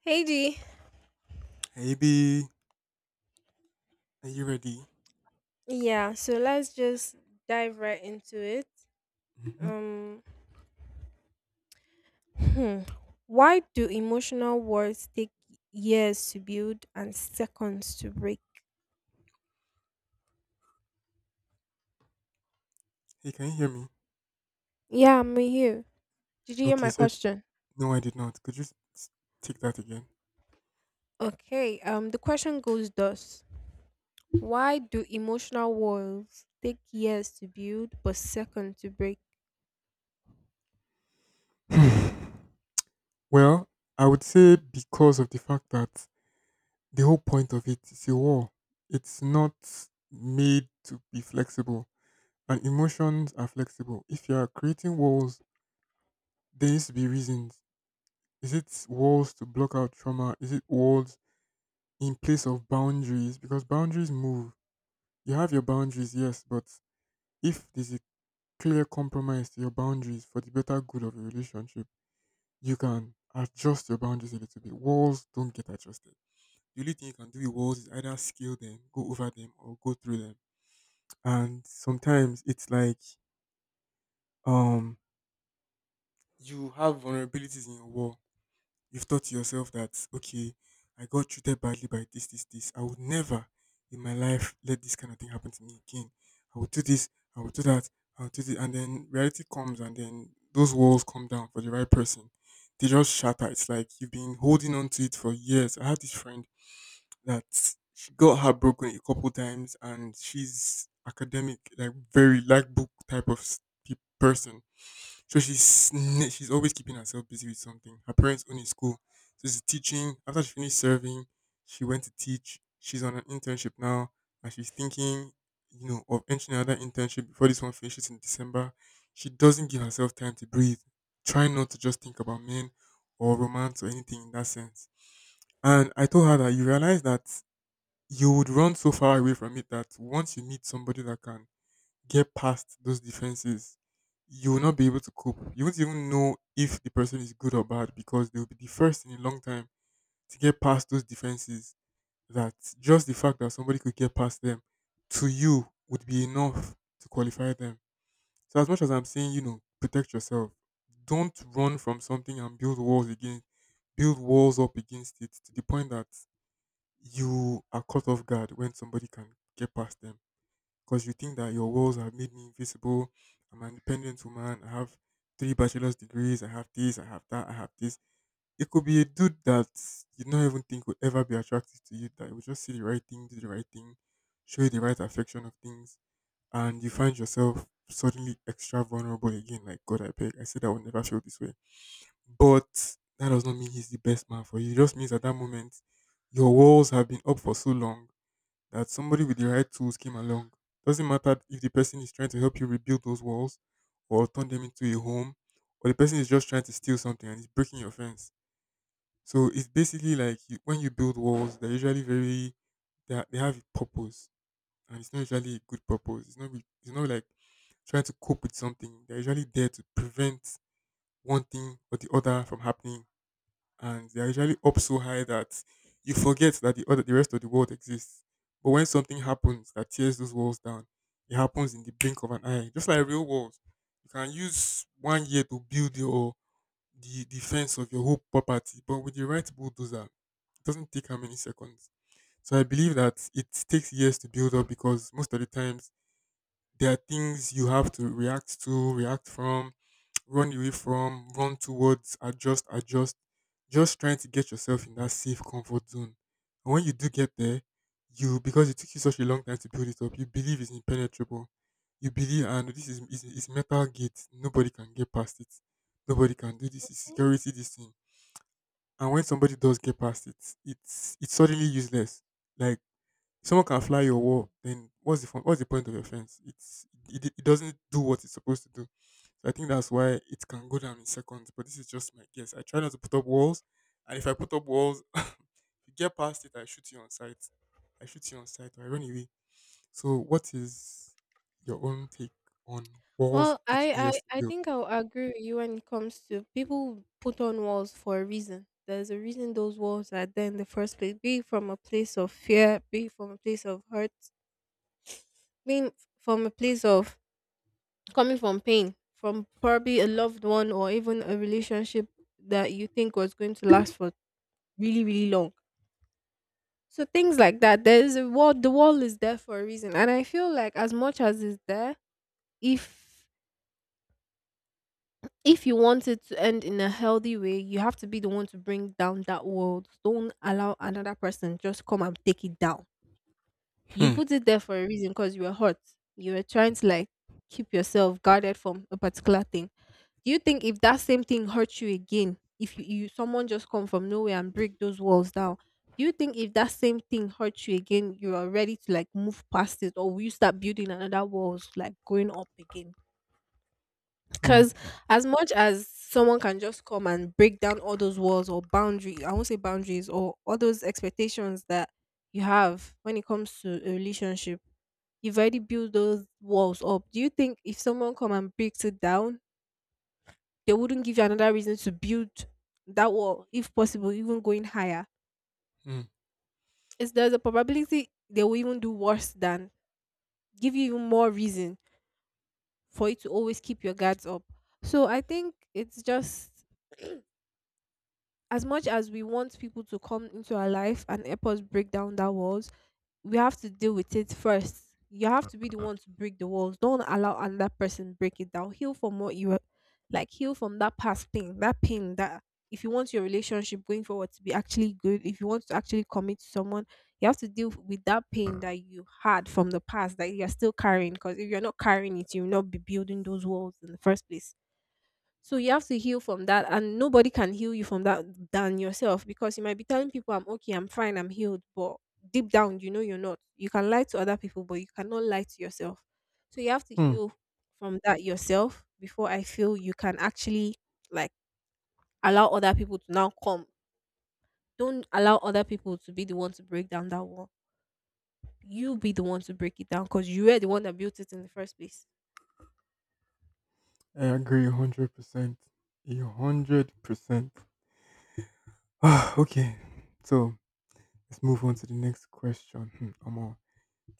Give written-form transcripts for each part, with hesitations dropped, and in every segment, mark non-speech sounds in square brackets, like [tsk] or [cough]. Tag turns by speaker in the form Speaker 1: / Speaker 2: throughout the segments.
Speaker 1: Hey D.
Speaker 2: Hey B, are you ready?
Speaker 1: Yeah, so let's just dive right into it.
Speaker 2: hmm
Speaker 1: Um hmm. Why do emotional walls take years to build and seconds to break?
Speaker 2: Hey, can you hear me?
Speaker 1: Yeah, I'm here. Did you hear
Speaker 2: Okay,
Speaker 1: my
Speaker 2: so
Speaker 1: question?
Speaker 2: no, I did not. Could you take that again?
Speaker 1: Okay, the question goes thus. Why do emotional walls take years to build but seconds to break?
Speaker 2: [laughs] Hmm. Well, I would say because of the fact that the whole point of it is a war. It's not made to be flexible, and emotions are flexible. If you are creating walls, there needs to be reasons. Is it walls to block out trauma? Is it walls in place of boundaries? Because boundaries move. You have your boundaries, yes, but if there's a clear compromise to your boundaries for the better good of your relationship, you can adjust your boundaries a little bit. Walls don't get adjusted. The only thing you can do with walls is either scale them, go over them, or go through them. And sometimes it's like um you have vulnerabilities in your wall. You've thought to yourself that, okay, I got treated badly by this, this, this. I would never in my life let this kind of thing happen to me again. I would do this, I would do that, I would do this. And then reality comes and then those walls come down for the right person. They just shatter. It's like you've been holding on to it for years. I had this friend that she got heartbroken a couple times and she's academic, like very like book type of person. So she's always keeping herself busy with something. Her parents own a school, so she's teaching. After she finished serving, she went to teach. She's on an internship now, and she's thinking, of entering another internship before this one finishes in December. She doesn't give herself time to breathe. Try not to just think about men or romance or anything in that sense. And I told her that you realize that you would run so far away from it that once you meet somebody that can get past those defenses, you will not be able to cope. You won't even know if the person is good or bad because they will be the first in a long time to get past those defenses. That just the fact that somebody could get past them to you would be enough to qualify them. So, as much as I'm saying, protect yourself, don't run from something and build walls against. Build walls up against it to the point that you are caught off guard when somebody can get past them because you think that your walls have made me invisible. I'm an independent woman. I have three bachelor's degrees. I have this. I have that. I have this. It could be a dude that you don't even think would ever be attractive to you. That would just see the right thing, do the right thing, show you the right affection of things, and you find yourself suddenly extra vulnerable again. Like God, I beg. I said I would never feel this way, but that does not mean he's the best man for you. It just means at that moment your walls have been up for so long that somebody with the right tools came along. Doesn't matter if the person is trying to help you rebuild those walls or turn them into a home, or the person is just trying to steal something and is breaking your fence. So it's basically like you, when you build walls, they're usually very they have a purpose, and it's not usually a good purpose. It's not it's not like trying to cope with something. They're usually there to prevent one thing or the other from happening and they're usually up so high that you forget that the rest of the world exists. But when something happens that tears those walls down, it happens in the blink of an eye. Just like real walls. You can use 1 year to build your the defense of your whole property, but with the right bulldozer, it doesn't take how many seconds. So I believe that it takes years to build up because most of the times there are things you have to, react from, run away from, run towards, adjust, adjust. Just trying to get yourself in that safe comfort zone. And when you do get there, you because it took you such a long time to build it up, you believe it's impenetrable. You believe and this is metal gate. Nobody can get past it. Nobody can do this. It's
Speaker 1: Mhm.
Speaker 2: security this thing. And when somebody does get past it, it's suddenly useless. Like someone can fly your wall, then what's the fun, what's the point of your fence? It doesn't do what it's supposed to do. So I think that's why it can go down in seconds. But this is just my guess. I try not to put up walls, and if I put up walls, [laughs] if you get past it, I shoot you on sight. I shoot you on sight, or I run away. So what is your own take on walls
Speaker 1: Well, I,
Speaker 2: taking years to
Speaker 1: I, I
Speaker 2: build?
Speaker 1: think I'll agree with you when it comes to people put on walls for a reason. There's a reason those walls are there in the first place, be it from a place of fear, be it from a place of hurt. From a place of coming from pain, from probably a loved one or even a relationship that you think was going to last for really, really long. So things like that. There's a wall the wall is there for a reason. And I feel like as much as it's there, if if you want it to end in a healthy way, you have to be the one to bring down that wall. Don't allow another person just come and take it down. You
Speaker 2: Hmm.
Speaker 1: put it there for a reason because you were hurt. You were trying to like keep yourself guarded from a particular thing. Do you think if that same thing hurts you again, if you someone just come from nowhere and break those walls down, do you think if that same thing hurts you again, you are ready to like move past it, or will you start building another walls, like going up again?
Speaker 2: Hmm.
Speaker 1: Because as much as someone can just come and break down all those walls or boundaries, I won't say boundaries or all those expectations that you have when it comes to a relationship, you've already built those walls up. Do you think if someone come and breaks it down they wouldn't give you another reason to build that wall, if possible, even going higher?
Speaker 2: Hmm.
Speaker 1: Is there's a probability they will even do worse than give you even more reason for you to always keep your guards up. So I think it's just [clears throat] as much as we want people to come into our life and help us break down that walls, we have to deal with it first. You have to be the one to break the walls. Don't allow another person break it down. Heal from what you were- like. Heal from that past pain that if you want your relationship going forward to be actually good, if you want to actually commit to someone, you have to deal with that pain that you had from the past that you're still carrying. Because if you're not carrying it, you'll not be building those walls in the first place. So you have to heal from that, and nobody can heal you from that than yourself, because you might be telling people I'm okay, I'm fine, I'm healed, but deep down, you know you're not. You can lie to other people, but you cannot lie to yourself. So you have to
Speaker 2: Hmm.
Speaker 1: heal from that yourself before I feel you can actually like allow other people to now come. Don't allow other people to be the one to break down that wall. You be the one to break it down because you were the one that built it in the first place.
Speaker 2: I agree 100%. 100%. Ah, okay. So let's move on to the next question. Hmm, Omo.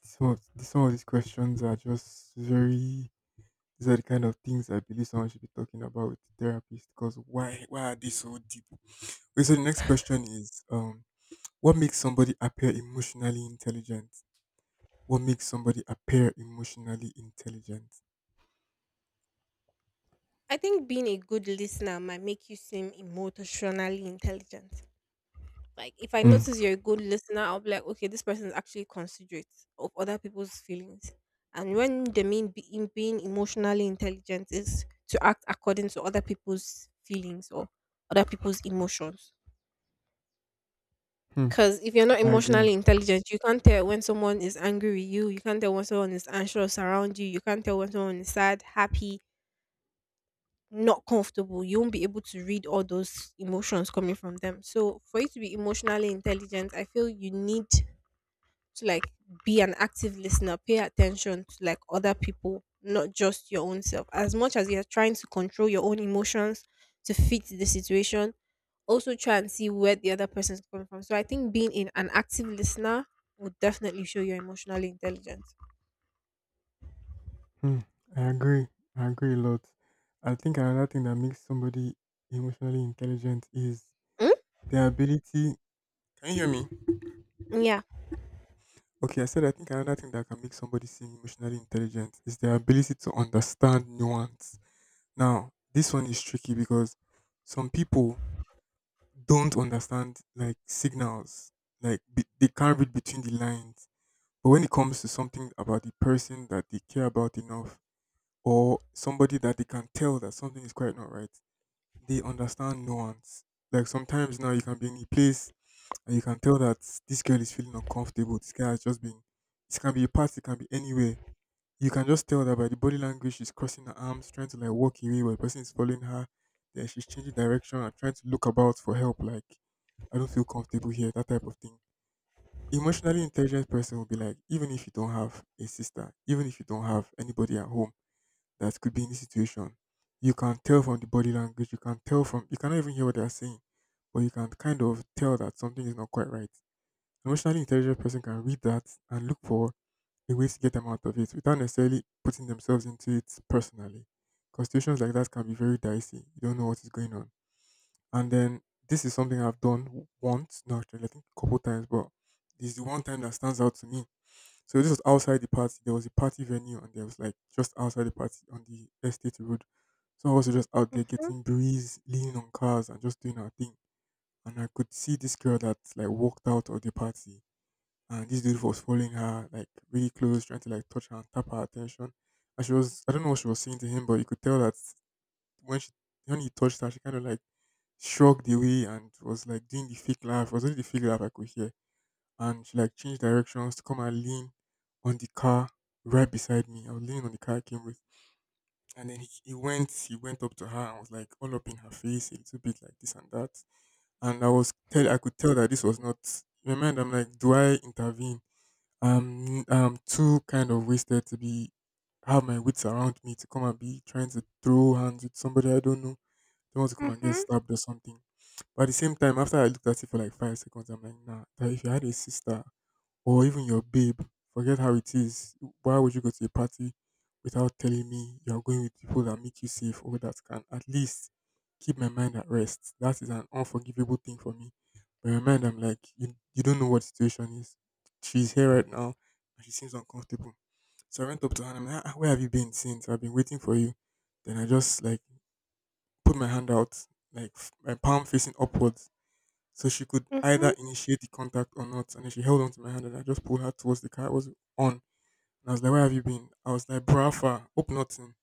Speaker 2: This one, some of these questions are just very These are the kind of things I believe someone should be talking about with the therapist because why are they so deep? Okay, so the next question is what makes somebody appear emotionally intelligent? What makes somebody appear emotionally intelligent?
Speaker 1: I think being a good listener might make you seem emotionally intelligent. Like if I
Speaker 2: Hmm.
Speaker 1: notice you're a good listener, I'll be like, okay, this person is actually considerate of other people's feelings. And when they mean be, in being emotionally intelligent is to act according to other people's feelings or other people's emotions.
Speaker 2: Hmm.
Speaker 1: Because if you're not
Speaker 2: I agree.
Speaker 1: emotionally intelligent, you can't tell when someone is angry with you. You can't tell when someone is anxious around you. You can't tell when someone is sad, happy, not comfortable. You won't be able to read all those emotions coming from them. So, for you to be emotionally intelligent, I feel you need to like be an active listener, pay attention to like other people, not just your own self. As much as you're trying to control your own emotions to fit the situation, also try and see where the other person's coming from. So I think being in an active listener would definitely show your emotional intelligence.
Speaker 2: Hmm. I agree. I agree a lot. I think another thing that makes somebody emotionally intelligent is
Speaker 1: Mm?
Speaker 2: their ability. Can you hear me?
Speaker 1: Yeah.
Speaker 2: Okay, I said I think another thing that can make somebody seem emotionally intelligent is their ability to understand nuance. Now, this one is tricky because some people don't understand like signals, like they can't read between the lines. But when it comes to something about the person that they care about enough, or somebody that they can tell that something is quite not right, they understand nuance. Like sometimes now you can be in a place and you can tell that this girl is feeling uncomfortable. This guy has just been. It can be a party, it can be anywhere you can just tell that by the body language, she's crossing her arms, trying to like walk away while the person is following her. Then she's changing direction and trying to look about for help. Like, I don't feel comfortable here, that type of thing. Emotionally intelligent person will be like, even if you don't have a sister, even if you don't have anybody at home that could be in this situation, you can tell from the body language, you can tell from, you cannot even hear what they are saying, but you can kind of tell that something is not quite right. Emotionally intelligent person can read that and look for a way to get them out of it without necessarily putting themselves into it personally. Because situations like that can be very dicey. You don't know what is going on. And then this is something I've done once, no, actually, I think a couple times, but this is the one time that stands out to me. So this was outside the party. There was a party venue, and there was like just outside the party on the estate road. So I was just out there
Speaker 1: Mm-hmm.
Speaker 2: getting breeze, leaning on cars, and just doing our thing. And I could see this girl that like walked out of the party and this dude was following her like really close, trying to like touch her and tap her attention. And she was I don't know what she was saying to him, but you could tell that when she when he touched her, she kind of like shrugged away and was like doing the fake laugh. It was only the fake laugh I could hear. And she like changed directions to come and lean on the car right beside me. I was leaning on the car I came with. And then he went up to her and was like all up in her face, a little bit like this and that and I could tell that this was not. In my mind, I'm like, do I intervene? I'm too kind of wasted to be have my wits around me to come and be trying to throw hands with somebody I don't know. They want to come and get
Speaker 1: Mm-hmm.
Speaker 2: stabbed or something. But at the same time, after I looked at it for like 5 seconds, I'm like, nah. That if you had a sister, or even your babe, forget how it is. Why would you go to a party without telling me you're going with people that make you safe or that can at least keep my mind at rest? That is an unforgivable thing for me. But in my mind, I'm like, you don't know what the situation is. She's here right now and she seems uncomfortable. So I went up to her and I'm like, "Ah, where have you been since? I've been waiting for you." Then I just like put my hand out, like my palm facing upwards so she could
Speaker 1: Mm-hmm.
Speaker 2: either initiate the contact or not. And then she held on to my hand and I just pulled her towards the car. It was on. And I was like, "Where have you been?" I was like, "Brafa, hope nothing."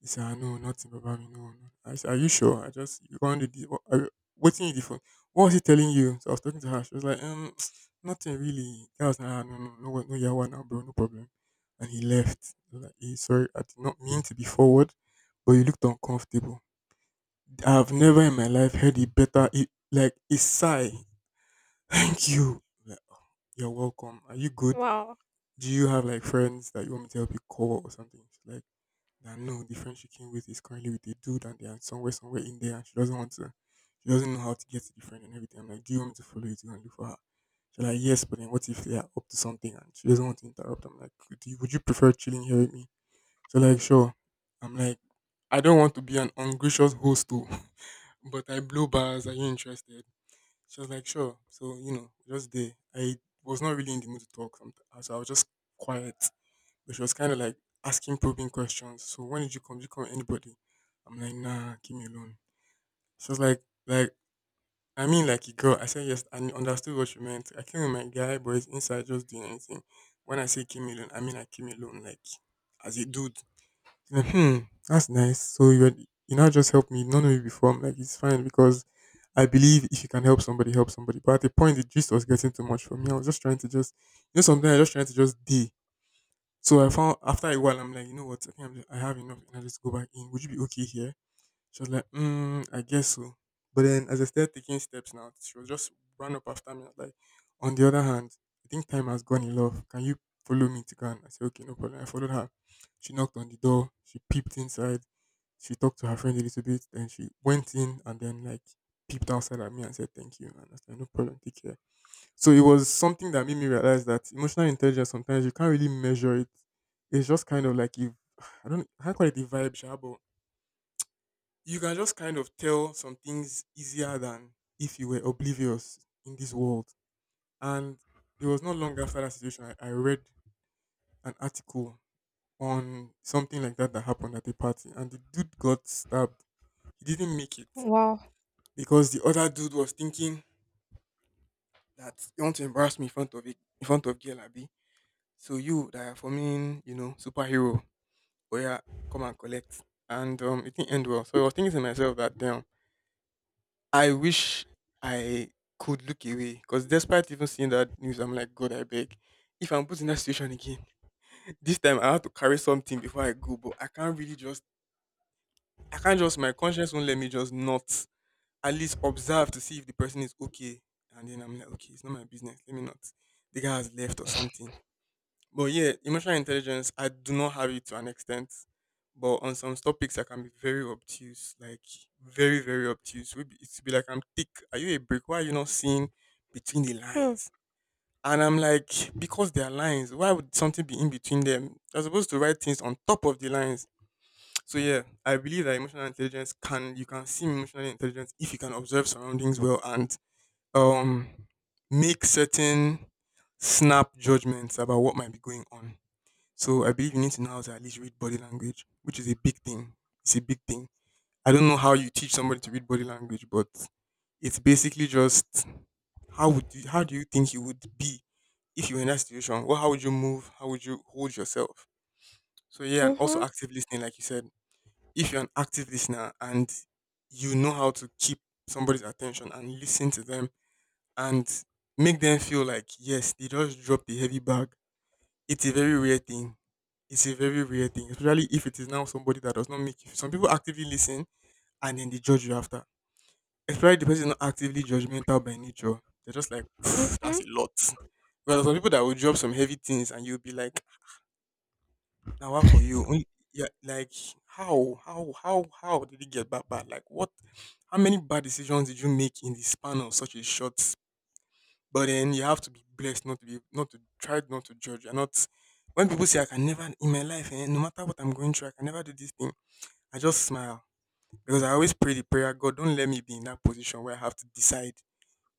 Speaker 2: He said, "I know nothing, Baba, me, no, no." I said, "Are you sure? I just, you can't do this. What, what's in the phone? What was he telling you?" So I was talking to her. She was like, [sniffs] [tsk] nothing really. I was like, "Ah, no, no, no, no, yeah, now, bro, no problem." And he left. I was like, "Hey, sorry, I did not mean to be forward, but you looked uncomfortable." I've never in my life heard a better, a, like a sigh. "Thank you." I'm like, "Oh, you're welcome. Are you good?
Speaker 1: Wow.
Speaker 2: Do you have like friends that you want me to help you call or something?" She's like, nah, no, the friend she came with is currently with a dude and they are somewhere, somewhere in there and she doesn't know how to get to the friend and everything. I'm like, "Do you want me to follow you to go and look for her?" She's like, yes, but then what if they are up to something and she doesn't want to interrupt? I'm like, Would you prefer chilling here with me?" So like, sure. I'm like, I don't want to be an ungracious host too, [laughs] but I blow bars. Are you interested? She was like, sure. So, you know, just there. I was not really in the mood to talk. So I was just quiet. But she was kind of like asking probing questions. So when did you come? Did you come with anybody? I'm like, nah, keep me alone. She was like, I mean, like a girl. I said yes and understood what she meant. I came with my guy, but he's inside just doing anything. When I say keep me alone, I mean I keep me alone, like as a dude. Like, hmm, that's nice. So you were, you now just helped me. You don't know me before. I'm like, it's fine because I believe if you can help somebody, help somebody. But at the point, the gist was getting too much for me. I was just trying to just, you know, sometimes I just trying to just be. So I found after a while, I'm like, you know what? I think I have enough, and I just go back in. Would you be okay here? She was like, mm, I guess so. But then as I started taking steps now, she was just run up after me. I was like, on the other hand, I think time has gone in love. Can you follow me to go? And I said, okay, no problem. I followed her. She knocked on the door. She peeped inside. She talked to her friend a little bit. Then she went in and then like peeped outside at me and said, "Thank you." And I said, "No problem. Take care." So it was something that made me realize that emotional intelligence, sometimes you can't really measure it. It's just kind of like, I don't, I can't call it the vibe, sha, but you can just kind of tell some things easier than if you were oblivious in this world. And it was not long after that situation, I read an article on something like that that happened at a party, and the dude got stabbed. He didn't make it
Speaker 1: Wow.
Speaker 2: because the other dude was thinking that you want to embarrass me in front of it, in front of girl Abi. So you that are for me, you know, superhero, oh yeah, come and collect. And it didn't end well. So I was thinking to myself that damn I wish I could look away because despite even seeing that news, I'm like, God, I beg. If I'm put in that situation again, [laughs] this time I have to carry something before I go, but I can't really just, I can't just, my conscience won't let me just not at least observe to see if the person is okay. And then I'm like, okay, it's not my business. Let me not. The guy has left or something. But yeah, emotional intelligence, I do not have it to an extent. But on some topics, I can be very obtuse, like very, very obtuse. Maybe it's be like, I'm thick. Are you a brick? Why are you not seeing between the
Speaker 1: Hmm.
Speaker 2: lines? And I'm like, because there are lines, why would something be in between them? You're supposed to write things on top of the lines. So yeah, I believe that emotional intelligence can you can see emotional intelligence if you can observe surroundings well and um make certain snap judgments about what might be going on. So I believe you need to know how to at least read body language, which is a big thing. It's a big thing. I don't know how you teach somebody to read body language, but it's basically just how would you how do you think you would be if you were in that situation? Well, how would you move? How would you hold yourself? So yeah, and also
Speaker 1: Mm-hmm.
Speaker 2: active listening, like you said. If you're an active listener and you know how to keep somebody's attention and listen to them and make them feel like yes, they just dropped the heavy bag, it's a very rare thing. It's a very rare thing, especially if it is now somebody that does not make you. Some people actively listen and then they judge you after. Especially the person is not actively judgmental by nature. They're just like, "Pff,
Speaker 1: Mm-hmm.
Speaker 2: that's a lot." Well, some people that will drop some heavy things and you'll be like, now what for you? Only- Yeah, like how did it get that bad? Like what? How many bad decisions did you make in the span of such a short but then you have to be blessed not to be not to try not to judge. You're not when people say I can never in my life, eh, no matter what I'm going through, I can never do this thing. I just smile because I always pray the prayer, God, don't let me be in that position where I have to decide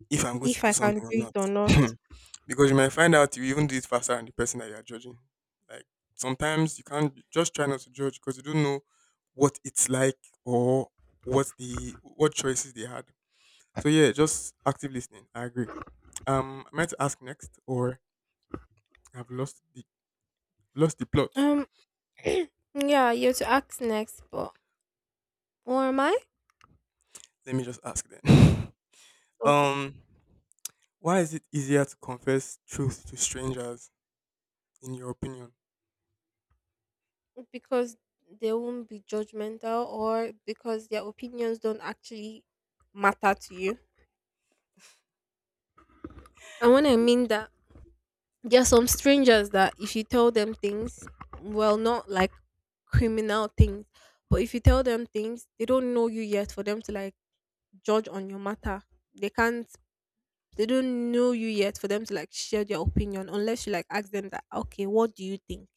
Speaker 2: if I'm going to
Speaker 1: If
Speaker 2: do
Speaker 1: I
Speaker 2: something
Speaker 1: can
Speaker 2: or
Speaker 1: do it
Speaker 2: not.
Speaker 1: or not.
Speaker 2: [laughs] because you might find out you even do it faster than the person that you are judging. Like sometimes you can't just try not to judge because you don't know what it's like or what the what choices they had. So yeah, just active listening. I agree. I meant to ask next, or I've lost the plot.
Speaker 1: Um. [clears throat] Yeah, you're to ask next, but or am I?
Speaker 2: Let me just ask then. [laughs]
Speaker 1: Okay.
Speaker 2: Um, why is it easier to confess truth to strangers, in your opinion?
Speaker 1: Because they won't be judgmental or because their opinions don't actually matter to you. And when I mean that, there are some strangers that if you tell them things, well, not like criminal things, but if you tell them things, they don't know you yet for them to like judge on your matter. They can't they don't know you yet for them to like share their opinion unless you like ask them that okay, what do you think,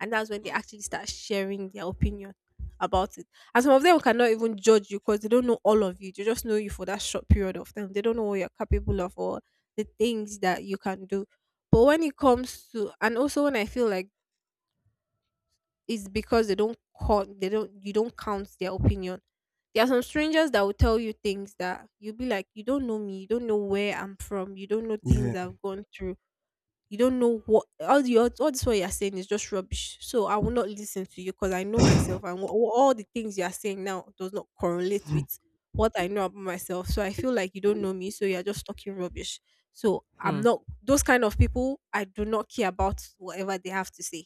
Speaker 1: and that's when they
Speaker 2: Hmm.
Speaker 1: actually start sharing their opinion about it. And some of them cannot even judge you because they don't know all of you, they just know you for that short period of time, they don't know what you're capable of or the things that you can do. But when it comes to, and also when I feel like, is because they don't count, they don't you don't count their opinion. There are some strangers that will tell you things that you'll be like, you don't know me, you don't know where I'm from, you don't know
Speaker 2: Yeah.
Speaker 1: things I've gone through, you don't know what all the all this what you're saying is just rubbish. So I will not listen to you because I know myself, and
Speaker 2: [laughs]
Speaker 1: all the things you are saying now does not correlate with what I know about myself. So I feel like you don't know me, so you're just talking rubbish. So I'm
Speaker 2: Hmm.
Speaker 1: not those kind of people. I do not care about whatever they have to say.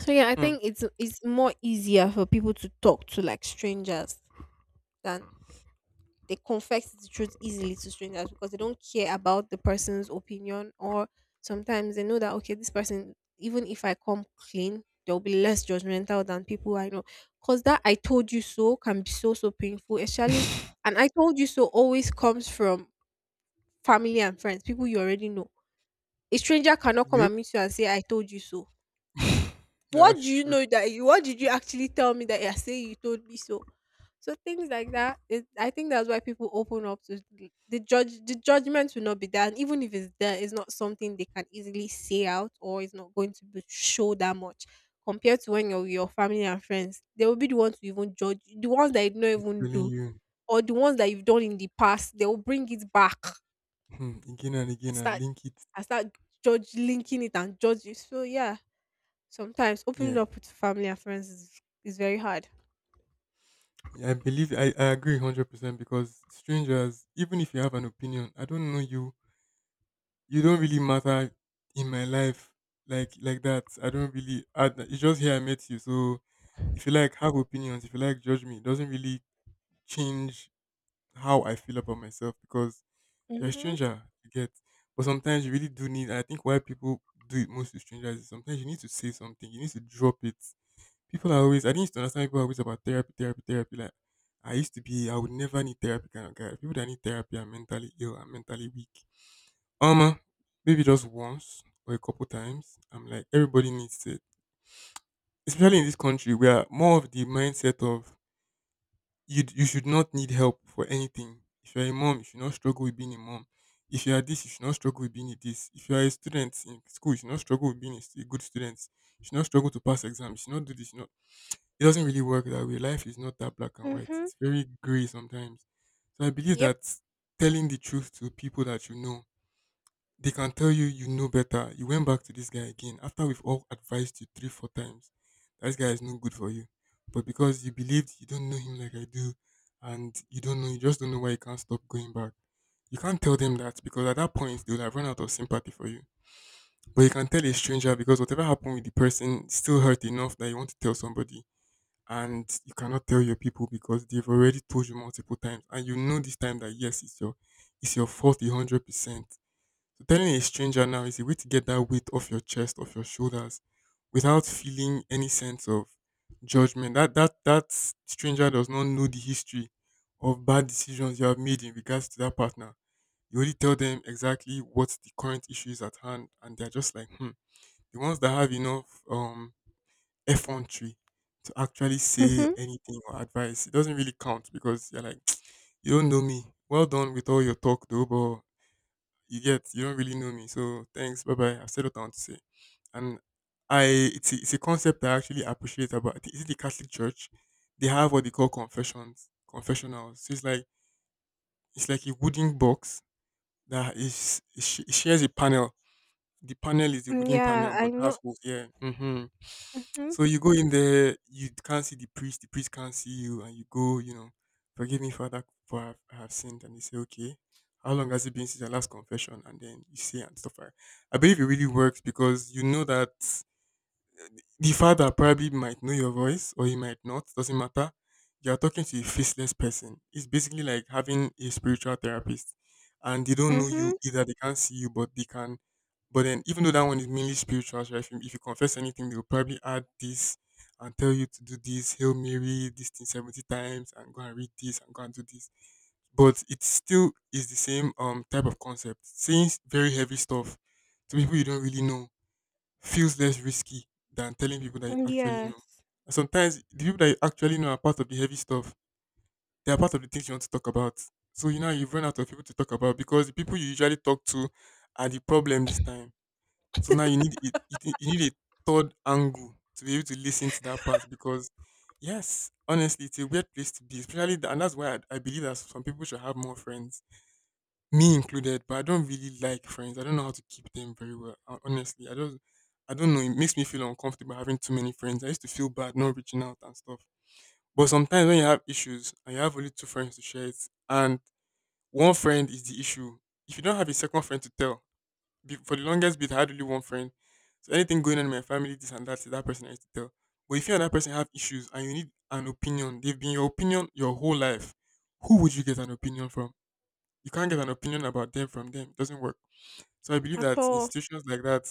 Speaker 1: So yeah, I
Speaker 2: Hmm.
Speaker 1: think it's more easier for people to talk to like strangers than they confess the truth easily to strangers, because they don't care about the person's opinion, or sometimes they know that okay, this person, even if I come clean, they'll be less judgmental than people I know. Cause that I told you so can be so so painful, especially
Speaker 2: [laughs]
Speaker 1: and I told you so always comes from family and friends, people you already know. A stranger cannot come
Speaker 2: Yep.
Speaker 1: and meet you and say I told you so.
Speaker 2: [laughs]
Speaker 1: What do
Speaker 2: That's
Speaker 1: you
Speaker 2: true.
Speaker 1: know that you what did you actually tell me that you're saying you told me so? So things like that, I think that's why people open up to the judge. The judgment will not be there, and even if it's there, it's not something they can easily say out, or it's not going to be show that much compared to when you're with your family and friends. They will be the ones to even judge you, the ones that you don't even
Speaker 2: Telling
Speaker 1: do,
Speaker 2: you.
Speaker 1: or the ones that you've done in the past. They will bring it back
Speaker 2: Hmm, again and again
Speaker 1: and
Speaker 2: and
Speaker 1: start
Speaker 2: link it.
Speaker 1: and start judge linking it and judge it. So yeah, sometimes opening
Speaker 2: Yeah,
Speaker 1: up with family and friends is very hard.
Speaker 2: yeah, I believe I agree 100% because strangers, even if you have an opinion, I don't know you, you don't really matter in my life like that. I don't really, I, it's just here I met you. So if you like, have opinions, if you like, judge me. It doesn't really change how I feel about myself because you're a
Speaker 1: Mm-hmm.
Speaker 2: stranger, you get. But sometimes you really do need, I think why people do it most to strangers is sometimes you need to say something, you need to drop it. People are always I didn't used to understand people always about therapy, therapy, therapy. Like I used to be, I would never need therapy kind of guy. People that need therapy are mentally ill are mentally weak. Um, uh, maybe just once or a couple times. I'm like everybody needs it, especially in this country where more of the mindset of you should not need help for anything. If you're a mom, you should not struggle with being a mom. If you are this, you should not struggle with being a this. If you are a student in school, you should not struggle with being a good student. You should not struggle to pass exams. You should not do this. You should not it doesn't really work that way. Life is not that black and white.
Speaker 1: Mm-hmm.
Speaker 2: It's very gray sometimes. So I believe
Speaker 1: Yep.
Speaker 2: that telling the truth to people that you know, they can tell you you know better. You went back to this guy again after we've all advised you three, four times. That guy is no good for you. But because you believed you don't know him like I do, and you don't know, you just don't know why you can't stop going back. You can't tell them that because at that point they will have run out of sympathy for you. But you can tell a stranger because whatever happened with the person still hurt enough that you want to tell somebody, and you cannot tell your people because they've already told you multiple times and you know this time that yes, it's your fault 100%. So telling a stranger now is a way to get that weight off your chest, off your shoulders, without feeling any sense of judgment. That stranger does not know the history of bad decisions you have made in regards to that partner. You only tell them exactly what the current issue is at hand and they're just like, hmm. The ones that have enough effrontery to actually say
Speaker 1: Mm-hmm.
Speaker 2: anything or advice. It doesn't really count because you're like, [tsk] you don't know me. Well done with all your talk though, but you don't really know me. So thanks, bye bye. I've said what I want to say. And I It's a concept I actually appreciate about. Is it the Catholic Church? They have what they call confessions, confessionals. So it's like a wooden box that it shares a panel. The panel is a
Speaker 1: Mm,
Speaker 2: wooden
Speaker 1: yeah,
Speaker 2: panel,
Speaker 1: I
Speaker 2: but
Speaker 1: know.
Speaker 2: has holes. Yeah.
Speaker 1: Mm-hmm.
Speaker 2: So you go in there, you can't see the priest. The priest can't see you, and you go. You know, forgive me, Father, for I have sinned. And they say, okay, how long has it been since your last confession? And then you say and stuff like. I believe it really works because you know that the father probably might know your voice or he might not, doesn't matter. You're talking to a faceless person. It's basically like having a spiritual therapist, and they don't know you
Speaker 1: Mm-hmm.
Speaker 2: either. They can't see you, but they can. But then, even though that one is mainly spiritual, so if you confess anything, they'll probably add this and tell you to do this, Hail Mary, this thing 70 times, and go and read this and go and do this. But it still is the same type of concept. Saying very heavy stuff to people you don't really know feels less risky than telling people that you
Speaker 1: Mm,
Speaker 2: actually know.
Speaker 1: yes.
Speaker 2: And sometimes the people that you actually know are part of the heavy stuff. They are part of the things you want to talk about. So you know you've run out of people to talk about because the people you usually talk to are the problem this time. So now you need a third angle to be able to listen to that part because yes, honestly, it's a weird place to be, especially the, and that's why I believe that some people should have more friends, me included, but I don't really like friends. I don't know how to keep them very well. Honestly, I don't. I don't know. It makes me feel uncomfortable having too many friends. I used to feel bad not reaching out and stuff. But sometimes when you have issues and you have only two friends to share it, and one friend is the issue. If you don't have a second friend to tell, for the longest bit, I had only one friend. So anything going on in my family, this and that, is that person I used to tell. But if you and that person have issues and you need an opinion, they've been your opinion your whole life. Who would you get an opinion from? You can't get an opinion about them from them. It doesn't work. So I believe
Speaker 1: At
Speaker 2: that
Speaker 1: all.
Speaker 2: institutions like that,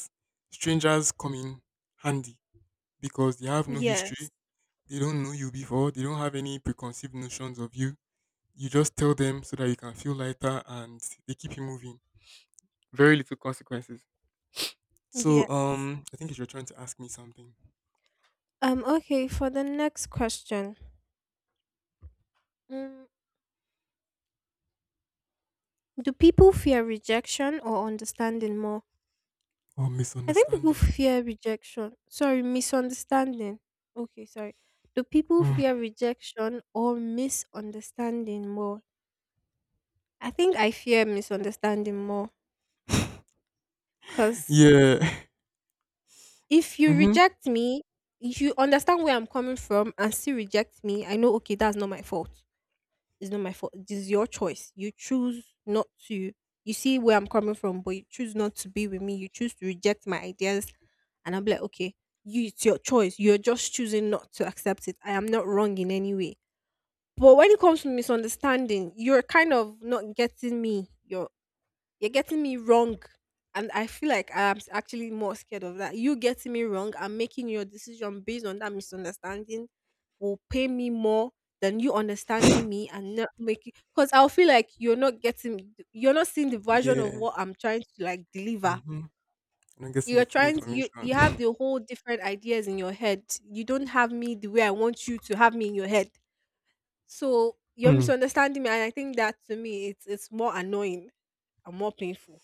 Speaker 2: strangers come in handy because they have no history,
Speaker 1: Yes.
Speaker 2: they don't know you before, they don't have any preconceived notions of you. You just tell them so that you can feel lighter and they keep you moving. Very little consequences. So
Speaker 1: Yes.
Speaker 2: I think if you're trying to ask me something.
Speaker 1: Okay, for the next question. Mm, do people fear rejection or understanding more?
Speaker 2: Or
Speaker 1: I think people
Speaker 2: misunderstanding.
Speaker 1: fear rejection. Sorry, misunderstanding. Okay, sorry. Do people
Speaker 2: Mm.
Speaker 1: fear rejection or misunderstanding more? I think I fear misunderstanding more,
Speaker 2: [laughs]
Speaker 1: because
Speaker 2: Yeah. [laughs]
Speaker 1: if you
Speaker 2: Mm-hmm.
Speaker 1: reject me, if you understand where I'm coming from and still reject me, I know, okay, that's not my fault. It's not my fault. This is your choice. You choose not to, you see where I'm coming from, but you choose not to be with me. You choose to reject my ideas. And I'm like, okay, you, it's your choice. You're just choosing not to accept it. I am not wrong in any way. But when it comes to misunderstanding, you're kind of not getting me. You're getting me wrong. And I feel like I'm actually more scared of that. You getting me wrong and making your decision based on that misunderstanding will pay me more than you understanding me and not making, because I'll feel like you're not getting you're not seeing the version of
Speaker 2: Yeah.
Speaker 1: what I'm trying to like deliver.
Speaker 2: Mm-hmm. I'm not getting the
Speaker 1: You're
Speaker 2: full
Speaker 1: trying to, you have
Speaker 2: information.
Speaker 1: the whole different ideas in your head. You don't have me the way I want you to have me in your head. So you're
Speaker 2: [laughs] Hmm.
Speaker 1: misunderstanding me, and I think that to me it's more annoying and more painful.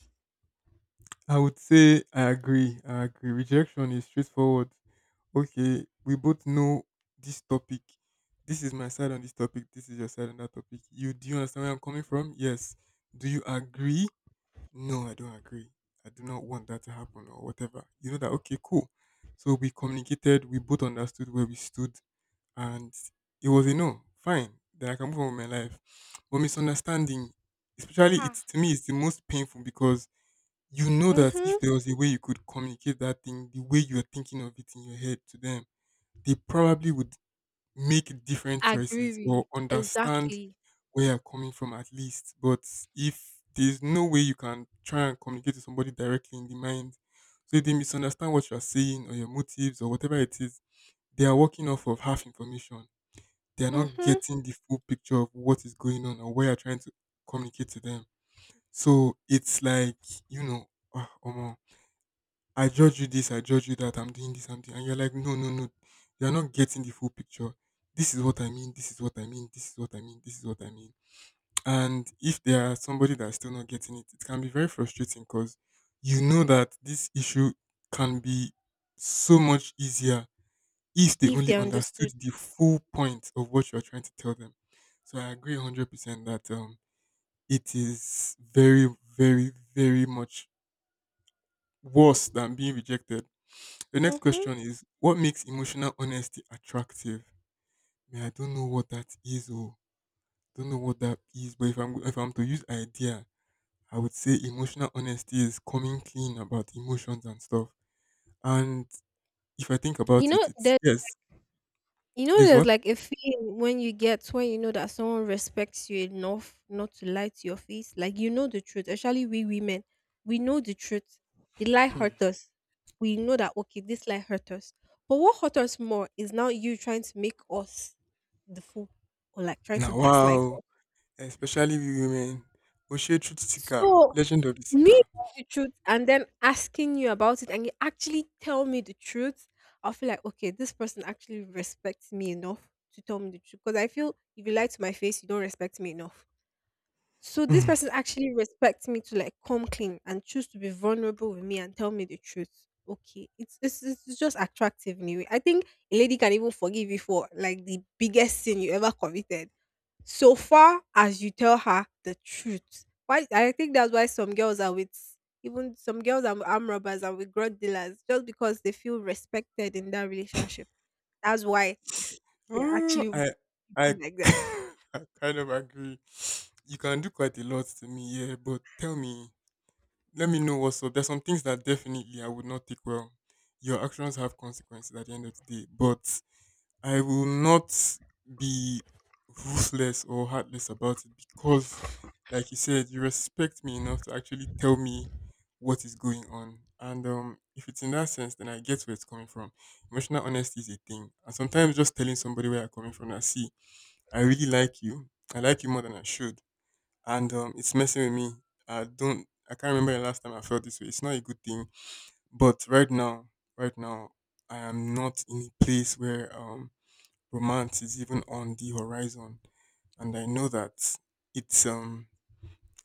Speaker 2: I would say I agree. I agree. Rejection is straightforward. Okay, we both know this topic. This is my side on this topic. This is your side on that topic. You understand where I'm coming from? Yes. Do you agree? No, I don't agree. I do not want that to happen or whatever. You know that okay, cool. So we communicated, we both understood where we stood, and it was a no. Fine. Then I can move on with my life. But misunderstanding, especially
Speaker 1: Ah.
Speaker 2: it's to me, it's the most painful because you know that if
Speaker 1: Mhm.
Speaker 2: there was a way you could communicate that thing the way you're thinking of it in your head to them, they probably would make different choices
Speaker 1: Agree
Speaker 2: or
Speaker 1: with.
Speaker 2: understand
Speaker 1: Exactly.
Speaker 2: where you're coming from at least. But if there's no way you can try and communicate to somebody directly in the mind, so if they misunderstand what you're saying or your motives or whatever it is, they are working off of half information. They are not
Speaker 1: Mhm.
Speaker 2: getting the full picture of what is going on or where you're trying to communicate to them. So it's like, you know, ah, omo, I judge you this, I judge you that, I'm doing this, I'm doing, and you're like, no, no, no, you're not getting the full picture. This is what I mean, this is what I mean, this is what I mean, this is what I mean. And if there are somebody that's still not getting it, it can be very frustrating because you know that this issue can be so much easier if they
Speaker 1: If they
Speaker 2: only understood
Speaker 1: understood.
Speaker 2: the full point of what you're trying to tell them. So I agree 100% that it is very, very, very much worse than being rejected. The next
Speaker 1: Mhm.
Speaker 2: question is, what makes emotional honesty attractive? Man, I don't know what that is, or don't know what that is, but if I'm to use idea, I would say emotional honesty is coming clean about emotions and stuff. And if I think
Speaker 1: You
Speaker 2: about it,
Speaker 1: know
Speaker 2: it's
Speaker 1: that
Speaker 2: yes,
Speaker 1: you know
Speaker 2: this
Speaker 1: there's
Speaker 2: what?
Speaker 1: like a feeling when you get when you know that someone respects you enough not to lie to your face. Like you know the truth. Actually, we women, we know the truth. The lie
Speaker 2: Hmm.
Speaker 1: hurt us. We know that okay, this lie hurt us. But what hurt us more is now you trying to make us the fool or like trying
Speaker 2: Now
Speaker 1: to gaslight.
Speaker 2: wow. Especially we women. Oshe Truth Seeker,
Speaker 1: So,
Speaker 2: Legend of the
Speaker 1: me
Speaker 2: Seeker.
Speaker 1: knowing the truth and then asking you about it and you actually tell me the truth, I feel like, okay, this person actually respects me enough to tell me the truth. Because I feel if you lie to my face, you don't respect me enough. So this
Speaker 2: Hmm.
Speaker 1: person actually respects me to like come clean and choose to be vulnerable with me and tell me the truth. Okay, it's just attractive anyway. I think a lady can even forgive you for like the biggest sin you ever committed so far as you tell her the truth. Why I think that's why some girls are with even some girls are with arm robbers and with drug dealers, just because they feel respected in that relationship. That's why they're
Speaker 2: Oh,
Speaker 1: actually with
Speaker 2: I, I,
Speaker 1: you like that.
Speaker 2: [laughs] I kind of agree. You can do quite a lot to me, yeah, but tell me, let me know what's up. There's some things that definitely I would not take well. Your actions have consequences at the end of the day, but I will not be ruthless or heartless about it because, like you said, you respect me enough to actually tell me what is going on. And if it's in that sense, then I get where it's coming from. Emotional honesty is a thing, and sometimes just telling somebody where I'm coming from. I see, I really like you. I like you more than I should, and it's messing with me. I don't. I can't remember the last time I felt this way. It's not a good thing. But right now, right now, I am not in a place where romance is even on the horizon, and I know that it's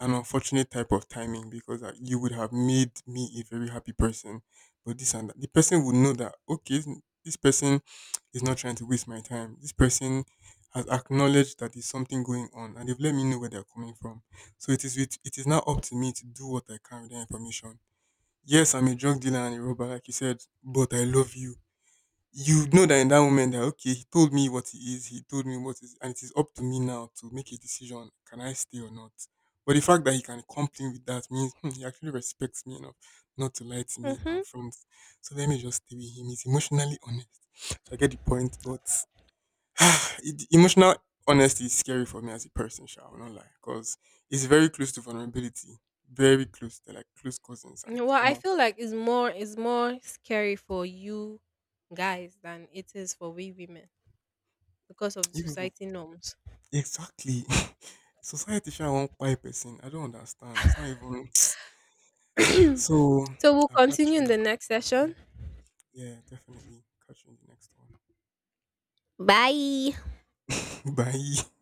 Speaker 2: an unfortunate type of timing because you would have made me a very happy person. But this and that, the person would know that, okay, this person is not trying to waste my time. This person has acknowledged that there's something going on and they've let me know where they're coming from. So it is now up to me to do what I can with that information. Yes, I'm a drug dealer and a robber, like you said, but I love you. You know that in that moment that okay, he told me what he is, he told me what is, and it is up to me now to make a decision: can I stay or not? But the fact that he can complain with that means, "Hmm, he actually respects me enough not to lie to me
Speaker 1: Mm-hmm.
Speaker 2: and friends. So let me just stay with him. He's emotionally honest." So I get the point, but [sighs] emotional honesty is scary for me as a person. Shall I not lie? Because it's very close to vulnerability, very close. They're like close cousins, and
Speaker 1: Well, I
Speaker 2: almost
Speaker 1: feel like it's more scary for you guys than it is for we women because of the
Speaker 2: even.
Speaker 1: society norms.
Speaker 2: Exactly. [laughs] Society sha wan kpai person. I don't understand. It's not even.
Speaker 1: [coughs]
Speaker 2: [tsk]
Speaker 1: [clears throat]
Speaker 2: So
Speaker 1: So we'll
Speaker 2: I'll catch
Speaker 1: continue in
Speaker 2: you.
Speaker 1: the next
Speaker 2: Mm,
Speaker 1: session.
Speaker 2: yeah, definitely. Catch you in the next one.
Speaker 1: Bye.
Speaker 2: [laughs] Bye.